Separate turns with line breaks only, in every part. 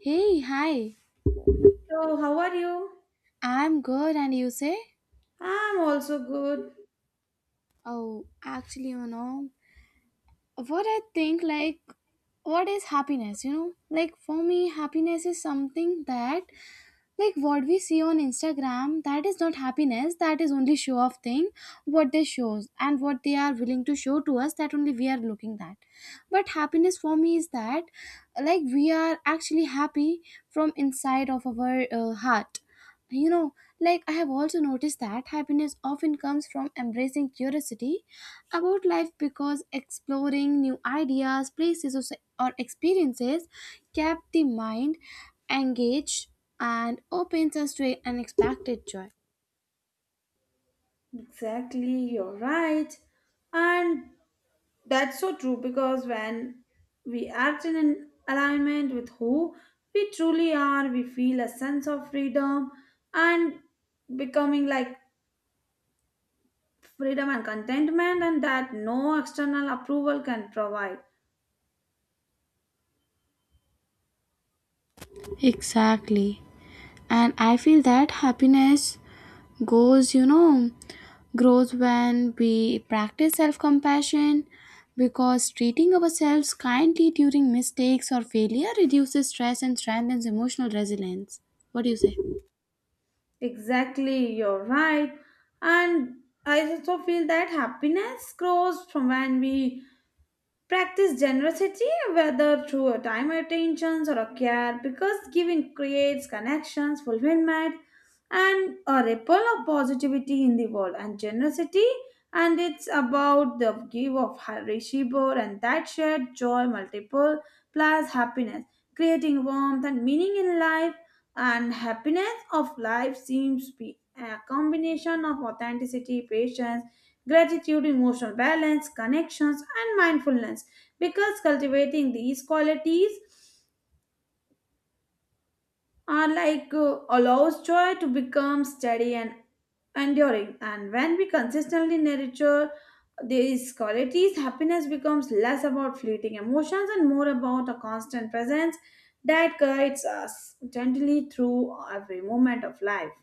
Hey, hi.
So, how are you?
I'm good, and you say?
I'm also good.
Oh, actually, you know, what I think, like, what is happiness, you know? Like, for me, happiness is something that, like, what we see on Instagram, that is not happiness, that is only show off thing, what they shows, and what they are willing to show to us, that only we are looking that. But happiness for me is that, like, we are actually happy from inside of our heart. You know, like I have also noticed that happiness often comes from embracing curiosity about life, because exploring new ideas, places, or experiences kept the mind engaged and opens us to unexpected joy.
Exactly, you're right. And that's so true because when we act in an alignment with who we truly are, we feel a sense of freedom and becoming like freedom and contentment, and that no external approval can provide.
Exactly. And I feel that happiness goes, you know, grows when we practice self compassion because treating ourselves kindly during mistakes or failure reduces stress and strengthens emotional resilience. What do you say?
Exactly, you're right. And I also feel that happiness grows from when we Practice generosity, whether through a time attentions or a care, because giving creates connections, fulfillment, and a ripple of positivity in the world. And generosity, and it's about the give of Harishibor and that shared joy multiple plus happiness, creating warmth and meaning in life. And happiness of life seems to be a combination of authenticity, patience gratitude, emotional balance, connections, and mindfulness. Because cultivating these qualities are like allows joy to become steady and enduring. And when we consistently nurture these qualities, happiness becomes less about fleeting emotions and more about a constant presence that guides us gently through every moment of life.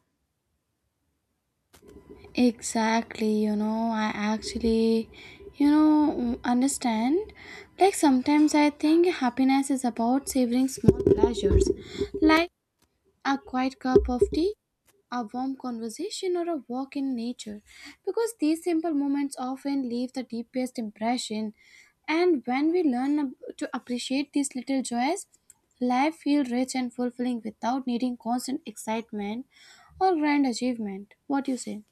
Exactly, you know, I actually, you know, understand. Like sometimes I think happiness is about savoring small pleasures, like a quiet cup of tea, a warm conversation, or a walk in nature, because these simple moments often leave the deepest impression. And when we to appreciate these little joys, life feels rich and fulfilling without needing constant excitement or grand achievement. What do you say?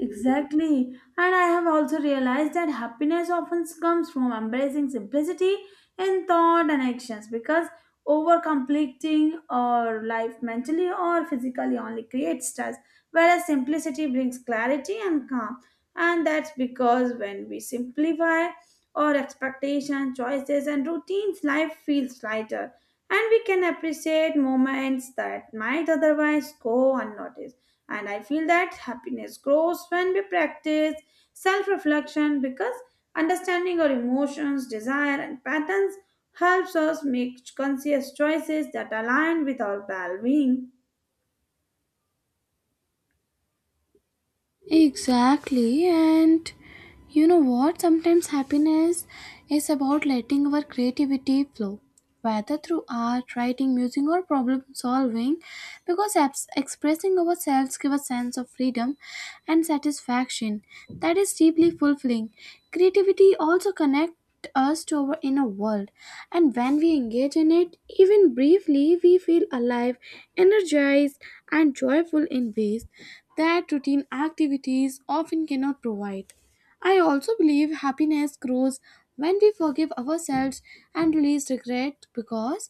Exactly. And I have also realized that happiness often comes from embracing simplicity in thought and actions because over completing our life mentally or physically only creates stress, whereas simplicity brings clarity and calm. And that's because when we simplify our expectations, choices, and routines, life feels lighter and we can appreciate moments that might otherwise go unnoticed. And I feel that happiness grows when we practice self reflection because understanding our emotions, desire, and patterns helps us make conscious choices that align with our well being.
Exactly, and you know what? Sometimes happiness is about letting our creativity flow, whether through art, writing, music, or problem solving, because expressing ourselves gives a sense of freedom and satisfaction that is deeply fulfilling. Creativity also connects us to our inner world, and when we engage in it, even briefly, we feel alive, energized, and joyful in ways that routine activities often cannot provide. I also believe happiness grows when we forgive ourselves and release regret, because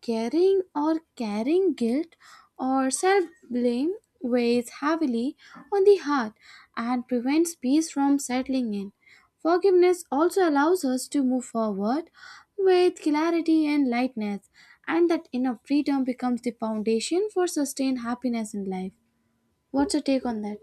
carrying guilt or self blame weighs heavily on the heart and prevents peace from settling in. Forgiveness also allows us to move forward with clarity and lightness, and that inner freedom becomes the foundation for sustained happiness in life. What's your take on that?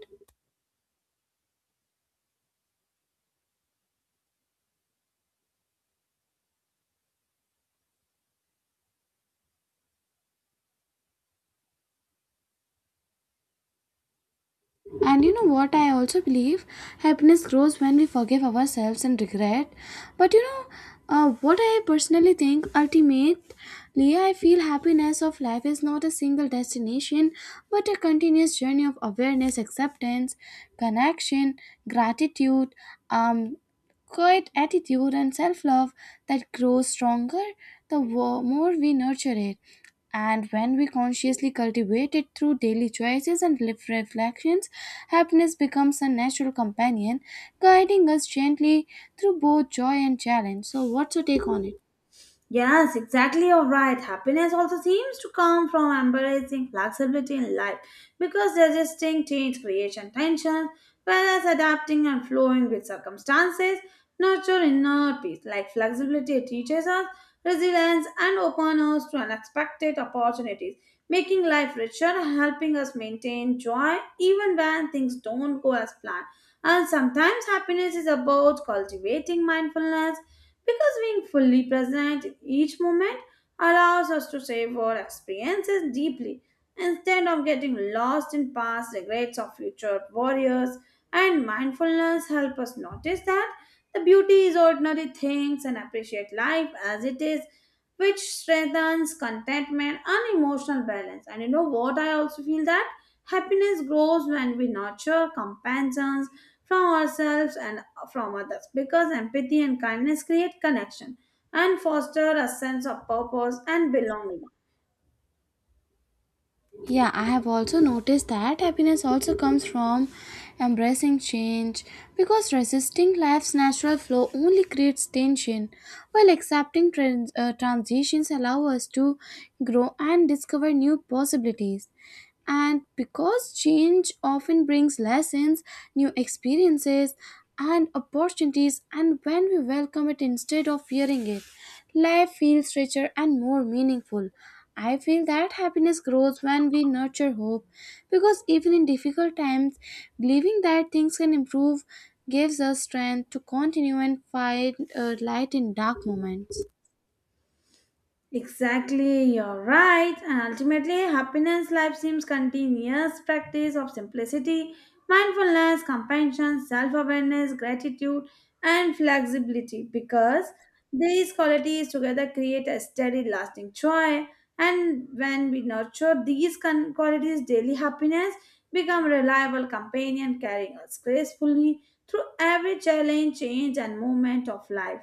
And you know what? I also believe happiness grows when we forgive ourselves and regret. But you know, what I personally think ultimately, I feel happiness of life is not a single destination, but a continuous journey of awareness, acceptance, connection, gratitude, um, quiet attitude and self love that grows stronger the more we nurture it. And when we consciously cultivate it through daily choices and reflections, happiness becomes a natural companion, guiding us gently through both joy and challenge. So, what's your take on it?
Yes, exactly. You're right. Happiness also seems to come from embracing flexibility in life because resisting change creates tension, whereas adapting and flowing with circumstances nurture inner peace. Like flexibility teaches us resilience and opens us to unexpected opportunities, making life richer and helping us maintain joy even when things don't go as planned. And sometimes happiness is about cultivating mindfulness because being fully present each moment allows us to savor experiences deeply. Instead of getting lost in past regrets of future warriors, and mindfulness help us notice that the beauty is ordinary things and appreciate life as it is, which strengthens contentment and emotional balance. And you know what? I also feel that happiness grows when we nurture compassion from ourselves and from others because empathy and kindness create connection and foster a sense of purpose and belonging.
Yeah, I have also noticed that happiness also comes from embracing change, because resisting life's natural flow only creates tension, while accepting transitions allow us to grow and discover new possibilities. And because change often brings lessons, new experiences, and opportunities, and when we welcome it instead of fearing it, life feels richer and more meaningful. I feel that happiness grows when we nurture hope, because even in difficult times, believing that things can improve gives us strength to continue and find light in dark moments.
Exactly, you're right. And ultimately, happiness life seems continuous practice of simplicity, mindfulness, compassion, self awareness, gratitude, and flexibility because these qualities together create a steady, lasting joy. And when we nurture these qualities, daily happiness become reliable companion carrying us gracefully through every challenge, change, and moment of life.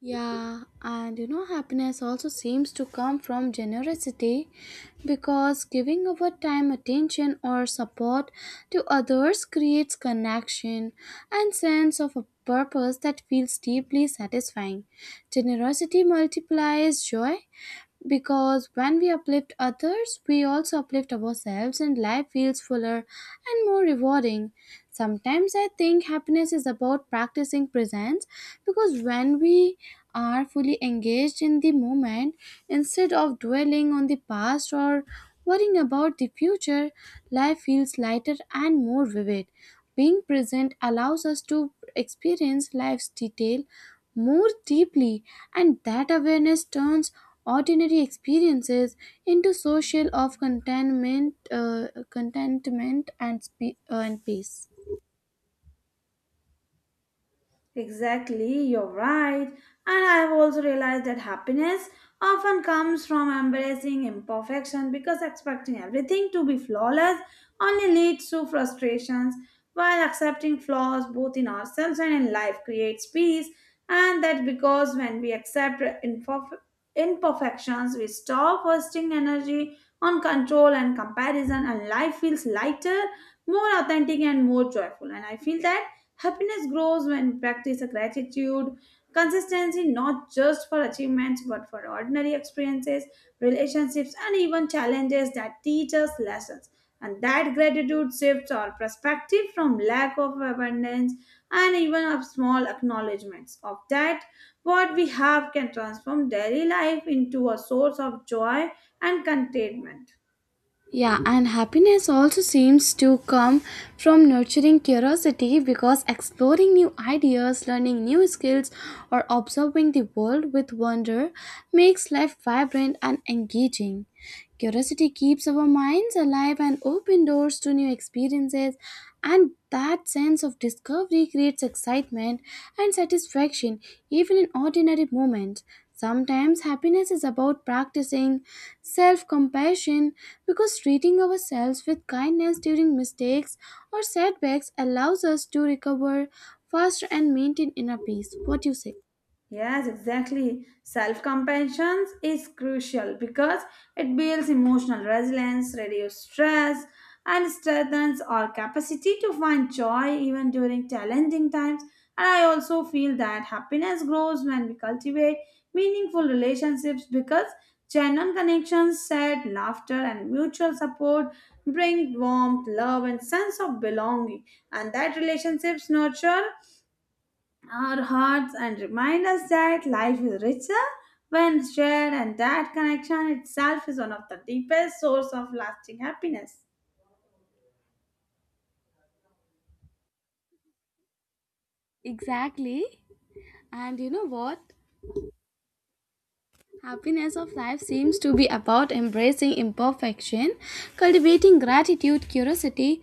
Yeah, and you know, happiness also seems to come from generosity, because giving our time, attention, or support to others creates connection and sense of a purpose that feels deeply satisfying. Generosity multiplies joy, because when we uplift others, we also uplift ourselves and life feels fuller and more rewarding. Sometimes I think happiness is about practicing presence, because when we are fully engaged in the moment, instead of dwelling on the past or worrying about the future, life feels lighter and more vivid. Being present allows us to experience life's detail more deeply, and that awareness turns ordinary experiences into social of contentment and peace.
Exactly, you're right. And I have also realized that happiness often comes from embracing imperfection because expecting everything to be flawless only leads to frustrations, while accepting flaws both in ourselves and in life creates peace. And that because when we accept imperfections, we stop wasting energy on control and comparison, and life feels lighter, more authentic, and more joyful. And I feel that. Happiness grows when practice a gratitude, consistency not just for achievements but for ordinary experiences, relationships, and even challenges that teach us lessons. And that gratitude shifts our perspective from lack of abundance and even of small acknowledgments of that what we have can transform daily life into a source of joy and contentment.
Yeah, and happiness also seems to come from nurturing curiosity, because exploring new ideas, learning new skills, or observing the world with wonder makes life vibrant and engaging. Curiosity keeps our minds alive and opens doors to new experiences, and that sense of discovery creates excitement and satisfaction even in ordinary moments. Sometimes happiness is about practicing self compassion, because treating ourselves with kindness during mistakes or setbacks allows us to recover faster and maintain inner peace. What do you say?
Yes, exactly. Self compassion is crucial because it builds emotional resilience, reduces stress, and strengthens our capacity to find joy even during challenging times. And I also feel that happiness grows when we cultivate meaningful relationships because genuine connections, shared laughter, and mutual support bring warmth, love, and sense of belonging. And that relationships nurture our hearts and remind us that life is richer when shared and that connection itself is one of the deepest source of lasting happiness.
Exactly. And you know what? Happiness of life seems to be about embracing imperfection, cultivating gratitude, curiosity,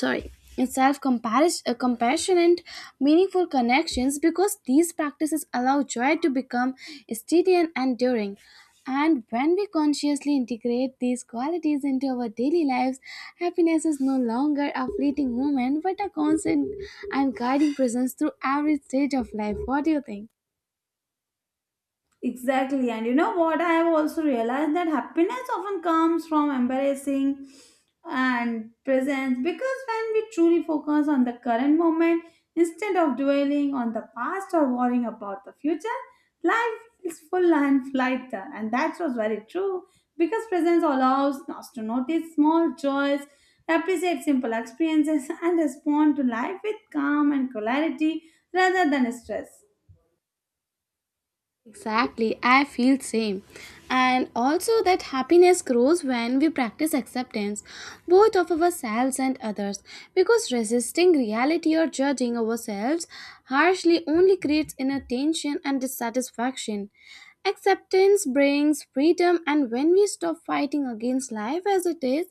sorry, self compassion, and meaningful connections, because these practices allow joy to become steady and enduring. And when we consciously integrate these qualities into our daily lives, happiness is no longer a fleeting moment but a constant and guiding presence through every stage of life. What do you think?
Exactly. And you know what? I have also realized that happiness often comes from embracing and presence because when we truly focus on the current moment instead of dwelling on the past or worrying about the future, life is full and lighter. And that was very true because presence allows us to notice small joys, appreciate simple experiences, and respond to life with calm and clarity rather than stress.
Exactly, I feel same. And also that happiness grows when we practice acceptance, both of ourselves and others, because resisting reality or judging ourselves harshly only creates inner tension and dissatisfaction. Acceptance brings freedom, and when we stop fighting against life as it is,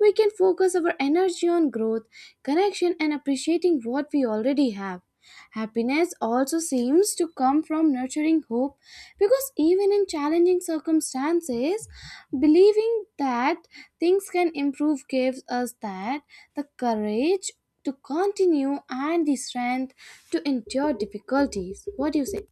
we can focus our energy on growth, connection and appreciating what we already have. Happiness also seems to come from nurturing hope, because even in challenging circumstances, believing that things can improve gives us that the courage to continue and the strength to endure difficulties. What do you say?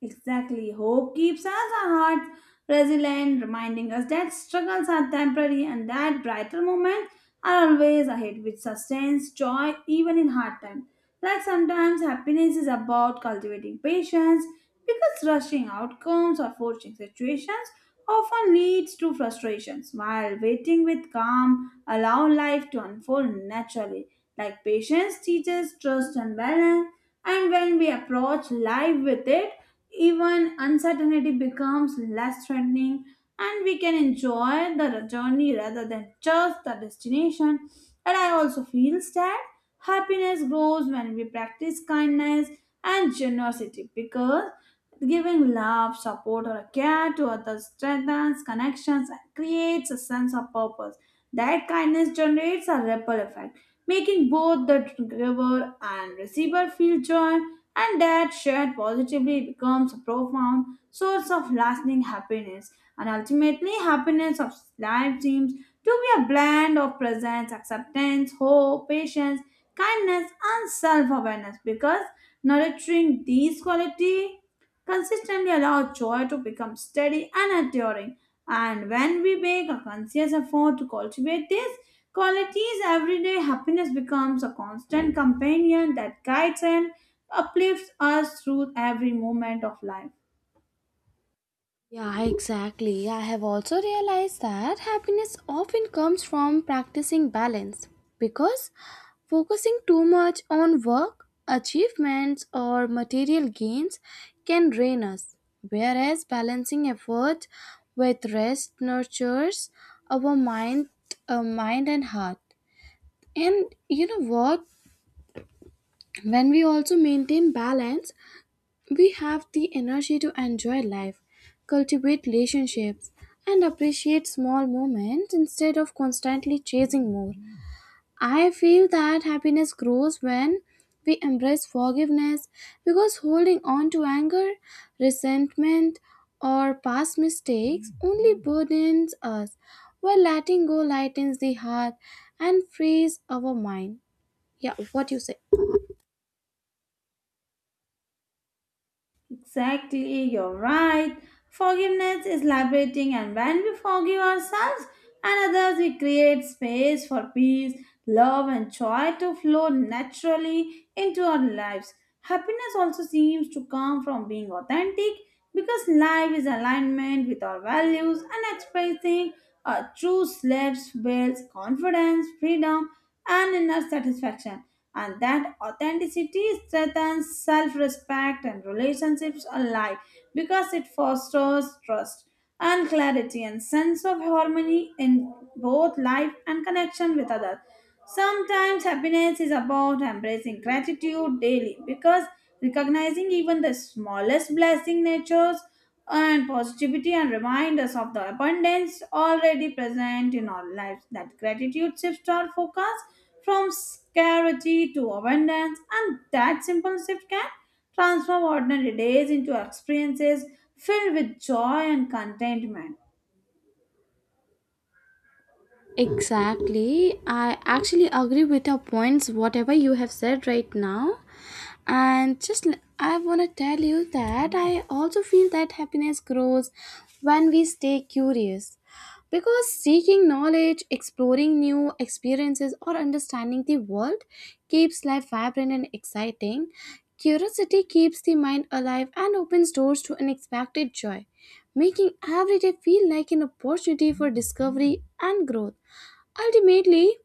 Exactly. Hope keeps us our hearts resilient, reminding us that struggles are temporary and that brighter moments are always ahead, which sustains joy even in hard times. Like sometimes happiness is about cultivating patience because rushing outcomes or forcing situations often leads to frustrations, while waiting with calm allow life to unfold naturally. Like patience teaches trust and balance, and when we approach life with it, even uncertainty becomes less threatening and we can enjoy the journey rather than just the destination. And I also feel that happiness grows when we practice kindness and generosity because giving love, support, or care to others strengthens connections and creates a sense of purpose. That kindness generates a ripple effect, making both the giver and receiver feel joy and that shared positively becomes a profound source of lasting happiness, and ultimately happiness of life seems to be a blend of presence, acceptance, hope, patience, kindness, and self-awareness because nurturing these qualities consistently allow joy to become steady and enduring. And when we make a conscious effort to cultivate these qualities every day, happiness becomes a constant companion that guides and uplifts us through every moment of life.
Yeah, exactly. I have also realized that happiness often comes from practicing balance, because focusing too much on work, achievements, or material gains can drain us, whereas balancing effort with rest nurtures our mind and heart. And you know what? When we also maintain balance, we have the energy to enjoy life, cultivate relationships, and appreciate small moments instead of constantly chasing more. I feel that happiness grows when we embrace forgiveness, because holding on to anger, resentment, or past mistakes only burdens us, while letting go lightens the heart and frees our mind. Yeah, what you say?
Exactly, you're right. Forgiveness is liberating, and when we forgive ourselves and others, we create space for peace, love, and joy to flow naturally into our lives. Happiness also seems to come from being authentic because life is alignment with our values and expressing true slaves builds confidence, freedom, and inner satisfaction, and that authenticity strengthens self-respect and relationships alike because it fosters trust and clarity and sense of harmony in both life and connection with others. Sometimes happiness is about embracing gratitude daily because recognizing even the smallest blessing natures and positivity and remind us of the abundance already present in our lives. That gratitude shifts our focus from scarcity to abundance, and that simple shift can transform ordinary days into experiences filled with joy and contentment.
Exactly. I actually agree with your points, whatever you have said right now. And just I want to tell you that I also feel that happiness grows when we stay curious. Because seeking knowledge, exploring new experiences, or understanding the world keeps life vibrant and exciting. Curiosity keeps the mind alive and opens doors to unexpected joy, making every day feel like an opportunity for discovery and growth. Ultimately,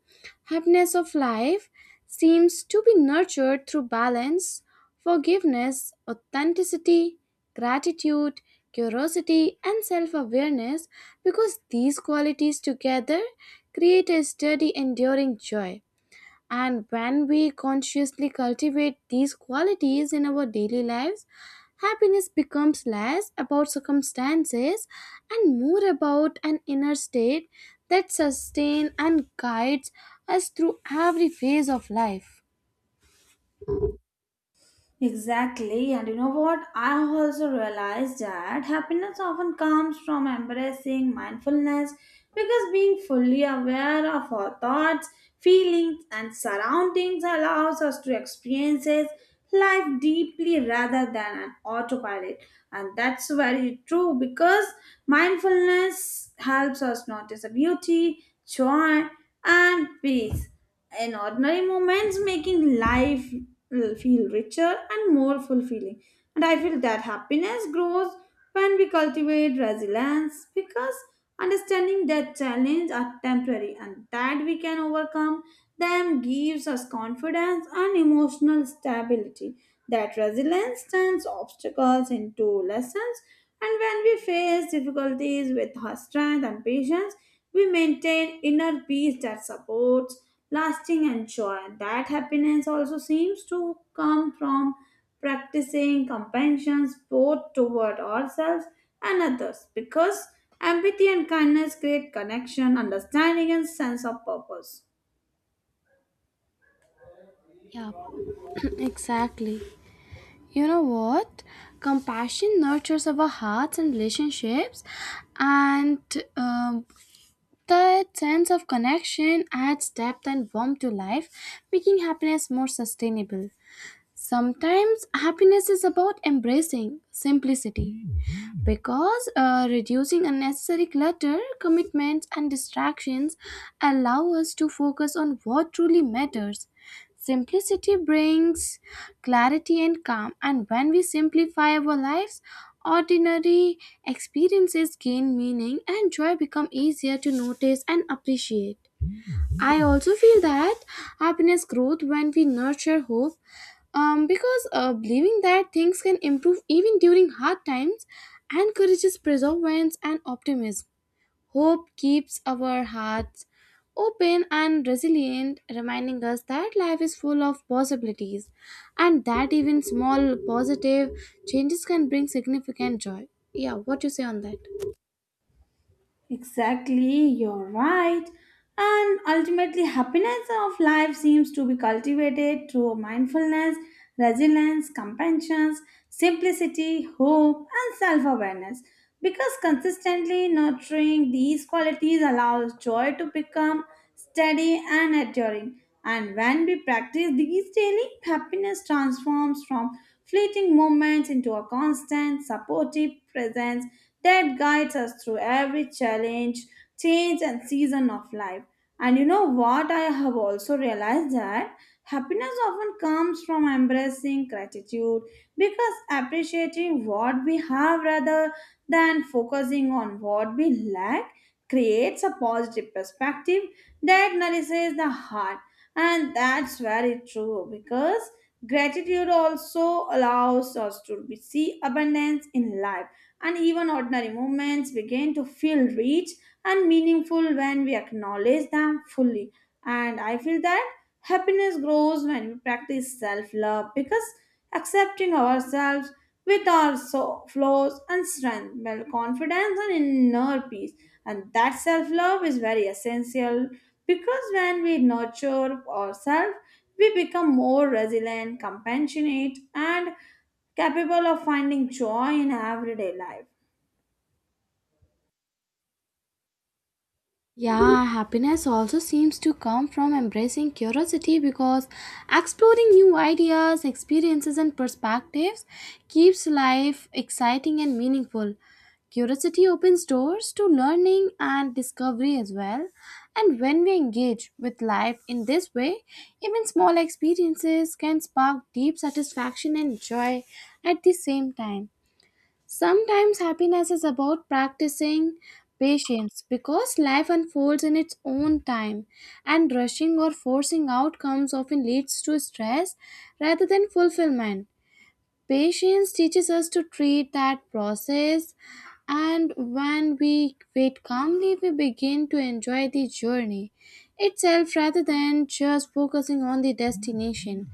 happiness of life seems to be nurtured through balance, forgiveness, authenticity, gratitude, curiosity, and self awareness, because these qualities together create a steady, enduring joy. And when we consciously cultivate these qualities in our daily lives, happiness becomes less about circumstances and more about an inner state that sustains and guides us through every phase of life.
Exactly, and you know what? I also realized that happiness often comes from embracing mindfulness because being fully aware of our thoughts, feelings, and surroundings allows us to experience life deeply rather than an autopilot. And that's very true because mindfulness helps us notice the beauty, joy, and peace in ordinary moments, making life feel richer and more fulfilling. And I feel that happiness grows when we cultivate resilience because understanding that challenges are temporary and that we can overcome them gives us confidence and emotional stability. That resilience turns obstacles into lessons, and when we face difficulties with strength and patience, we maintain inner peace that supports lasting and joy. That happiness also seems to come from practicing compassion both toward ourselves and others because empathy and kindness create connection, understanding, and sense of purpose.
Yeah, exactly. You know what? Compassion nurtures our hearts and relationships, and um, that sense of connection adds depth and warmth to life, making happiness more sustainable. Sometimes happiness is about embracing simplicity, because reducing unnecessary clutter, commitments, and distractions allow us to focus on what truly matters. Simplicity brings clarity and calm, and when we simplify our lives, ordinary experiences gain meaning and joy become easier to notice and appreciate. I also feel that happiness grows when we nurture hope, because believing that things can improve even during hard times encourages perseverance and optimism. Hope keeps our hearts open and resilient, reminding us that life is full of possibilities and that even small positive changes can bring significant joy. Yeah, what you say on that?
Exactly, you're right. And ultimately, happiness of life seems to be cultivated through mindfulness, resilience, compassion, simplicity, hope, and self awareness. Because consistently nurturing these qualities allows joy to become steady and enduring. And when we practice these daily, happiness transforms from fleeting moments into a constant, supportive presence that guides us through every challenge, change, and season of life. And you know what? I have also realized that happiness often comes from embracing gratitude because appreciating what we have rather than focusing on what we lack creates a positive perspective that nourishes the heart. And that's very true because gratitude also allows us to see abundance in life and even ordinary moments begin to feel rich and meaningful when we acknowledge them fully. And I feel that happiness grows when we practice self love because accepting ourselves with our flaws and strength build confidence and inner peace. And that self love is very essential because when we nurture ourselves, we become more resilient, compassionate, and capable of finding joy in everyday life.
Yeah, happiness also seems to come from embracing curiosity, because exploring new ideas, experiences, and perspectives keeps life exciting and meaningful. Curiosity opens doors to learning and discovery as well. And when we engage with life in this way, even small experiences can spark deep satisfaction and joy at the same time. Sometimes happiness is about practicing patience, because life unfolds in its own time, and rushing or forcing outcomes often leads to stress rather than fulfillment. Patience teaches us to treat that process, and when we wait calmly, we begin to enjoy the journey itself rather than just focusing on the destination.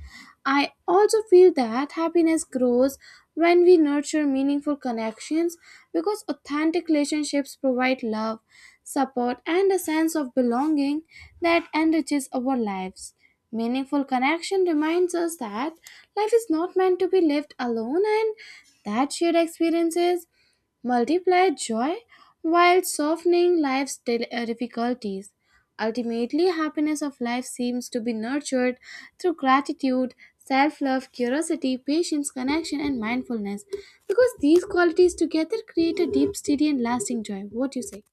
I also feel that happiness grows when we nurture meaningful connections, because authentic relationships provide love, support, and a sense of belonging that enriches our lives. Meaningful connection reminds us that life is not meant to be lived alone, and that shared experiences multiply joy while softening life's difficulties. Ultimately, happiness of life seems to be nurtured through gratitude, self love, curiosity, patience, connection, and mindfulness, because these qualities together create a deep, steady, and lasting joy. What do you say?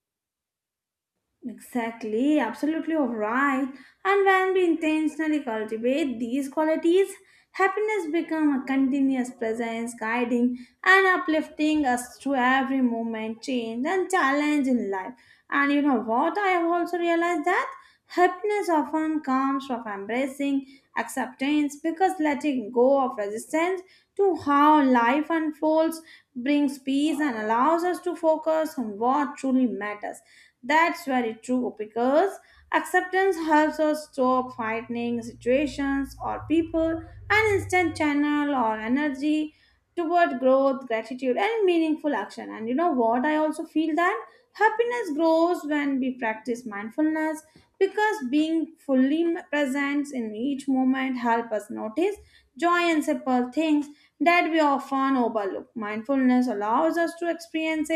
Exactly, absolutely all right. And when we intentionally cultivate these qualities, happiness becomes a continuous presence guiding and uplifting us through every moment, change, and challenge in life. And you know what? I have also realized that happiness often comes from embracing acceptance because letting go of resistance to how life unfolds brings peace and allows us to focus on what truly matters. That's very true because Acceptance helps us stop fighting situations or people and instant channel our energy toward growth, gratitude, and meaningful action. And you know what? I also feel that Happiness grows when we practice mindfulness because being fully present in each moment helps us notice joy in simple things that we often overlook. Mindfulness allows us to experience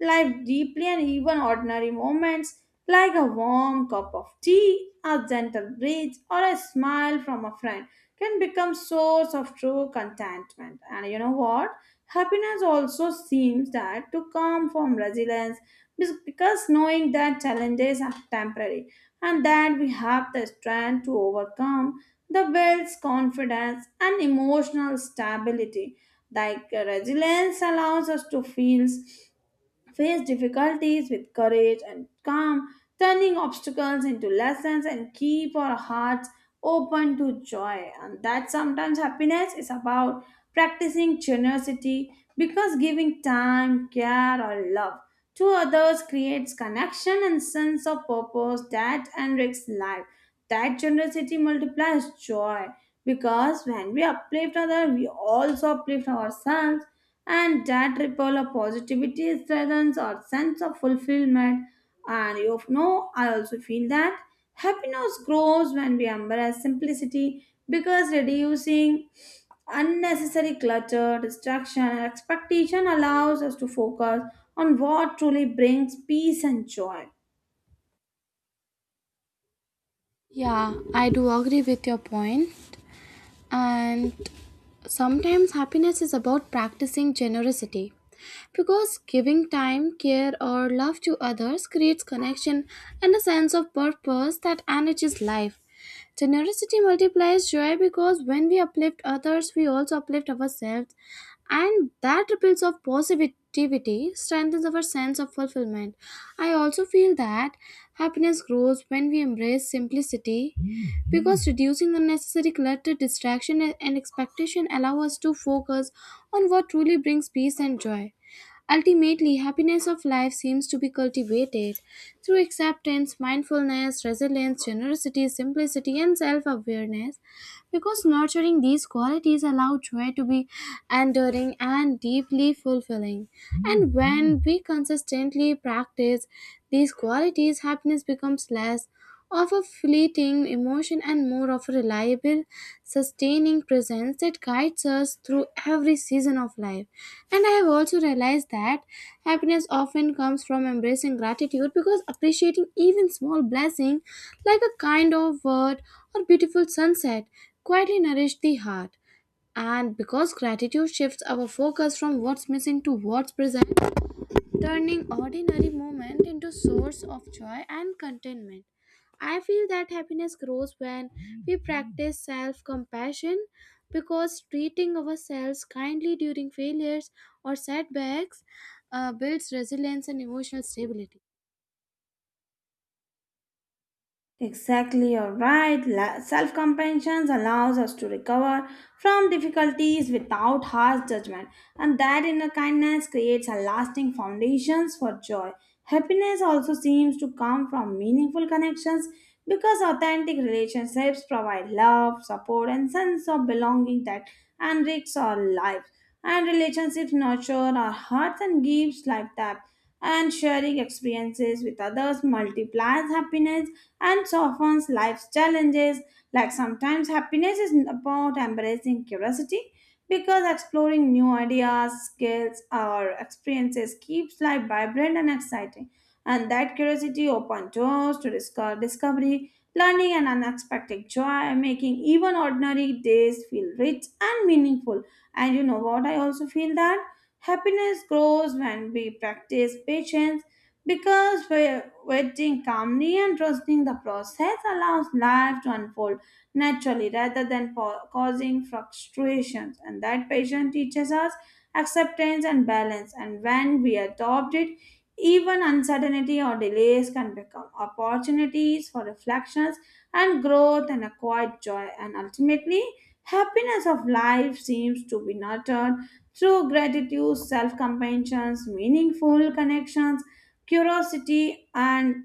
life deeply, and even ordinary moments like a warm cup of tea, a gentle breeze, or a smile from a friend can become source of true contentment. And you know what? Happiness also seems that to come from resilience because knowing that challenges are temporary and that we have the strength to overcome the builds confidence and emotional stability. Like resilience allows us to feel face difficulties with courage and calm, turning obstacles into lessons and keep our hearts open to joy. And that sometimes happiness is about practicing generosity because giving time, care, or love to others creates connection and sense of purpose that enriches life. That generosity multiplies joy because when we uplift others, we also uplift ourselves and that ripple of positivity strengthens our sense of fulfillment. And you know, I also feel that happiness grows when we embrace simplicity because reducing unnecessary clutter, distraction, and expectation allows us to focus on what truly brings peace and joy.
Yeah, I do agree with your point, and sometimes happiness is about practicing generosity, because giving time, care, or love to others creates connection and a sense of purpose that enriches life. Generosity multiplies joy, because when we uplift others, we also uplift ourselves, and that ripples of positivity strengthens our sense of fulfillment. I also feel that happiness grows when we embrace simplicity, because reducing unnecessary clutter, distraction, and expectation allow us to focus on what truly brings peace and joy. Ultimately, happiness of life seems to be cultivated through acceptance, mindfulness, resilience, generosity, simplicity, and self awareness, because nurturing these qualities allow joy to be enduring and deeply fulfilling. And when we consistently practice these qualities, happiness becomes less of a fleeting emotion and more of a reliable, sustaining presence that guides us through every season of life. And I have also realized that happiness often comes from embracing gratitude, because appreciating even small blessing like a kind of word or beautiful sunset quietly nourish the heart. And because gratitude shifts our focus from what's missing to what's present, turning ordinary moment into source of joy and contentment. I feel that happiness grows when we practice self-compassion, because treating ourselves kindly during failures or setbacks builds resilience and emotional stability.
Exactly, you're right. Self compassion allows us to recover from difficulties without harsh judgment, and that inner kindness creates a lasting foundations for joy. Happiness also seems to come from meaningful connections because authentic relationships provide love, support, and sense of belonging that enriches our lives. And relationships nurture our hearts and gives life depth. And sharing experiences with others multiplies happiness and softens life's challenges. Like sometimes happiness is about embracing curiosity because exploring new ideas, skills, or experiences keeps life vibrant and exciting. And that curiosity opens doors to discovery, learning, and unexpected joy, making even ordinary days feel rich and meaningful. And you know what? I also feel that happiness grows when we practice patience because we're waiting calmly and trusting the process allows life to unfold naturally rather than causing frustrations. And that patience teaches us acceptance and balance, and when we adopt it, even uncertainty or delays can become opportunities for reflections and growth and acquired joy. And ultimately, happiness of life seems to be nurtured through gratitude, self-compassion, meaningful connections, curiosity, and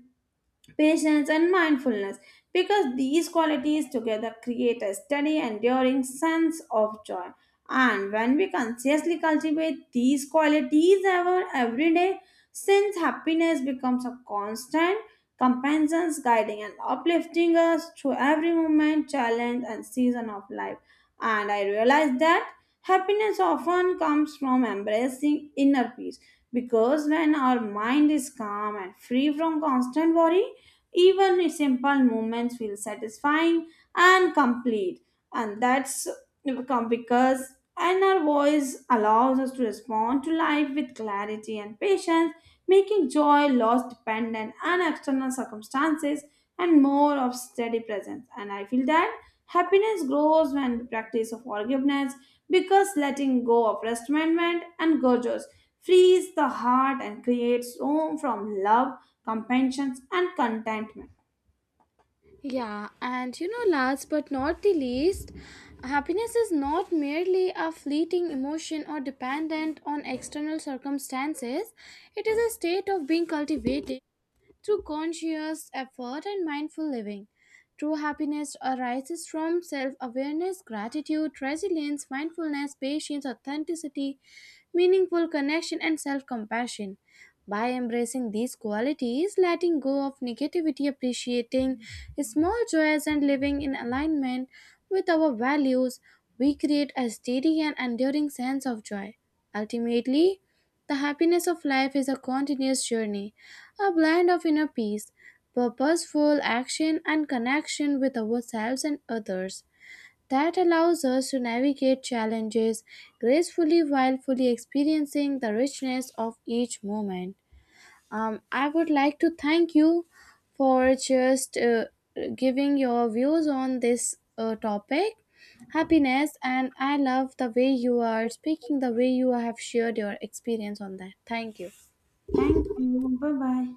patience, and mindfulness, because these qualities together create a steady, enduring sense of joy. And when we consciously cultivate these qualities, our everyday since happiness becomes a constant companion, guiding and uplifting us through every moment, challenge, and season of life. And I realized that happiness often comes from embracing inner peace because when our mind is calm and free from constant worry, even simple movements feel satisfying and complete. And that's become because and our voice allows us to respond to life with clarity and patience, making joy less dependent on external circumstances and more of steady presence. And I feel that happiness grows when we practice of forgiveness because letting go of resentment and grudges frees the heart and creates room from love, compassion, and contentment.
Yeah, and you know, last but not the least, happiness is not merely a fleeting emotion or dependent on external circumstances. It is a state of being cultivated through conscious effort and mindful living. True happiness arises from self awareness, gratitude, resilience, mindfulness, patience, authenticity, meaningful connection, and self compassion. By embracing these qualities, letting go of negativity, appreciating small joys, and living in alignment with our values, we create a steady and enduring sense of joy. Ultimately, the happiness of life is a continuous journey, a blend of inner peace, purposeful action, and connection with ourselves and others that allows us to navigate challenges gracefully while fully experiencing the richness of each moment. I would like to thank you for just giving your views on this topic happiness, and I love the way you are speaking, the way you have shared your experience on that. Thank you.
Thank you, bye bye.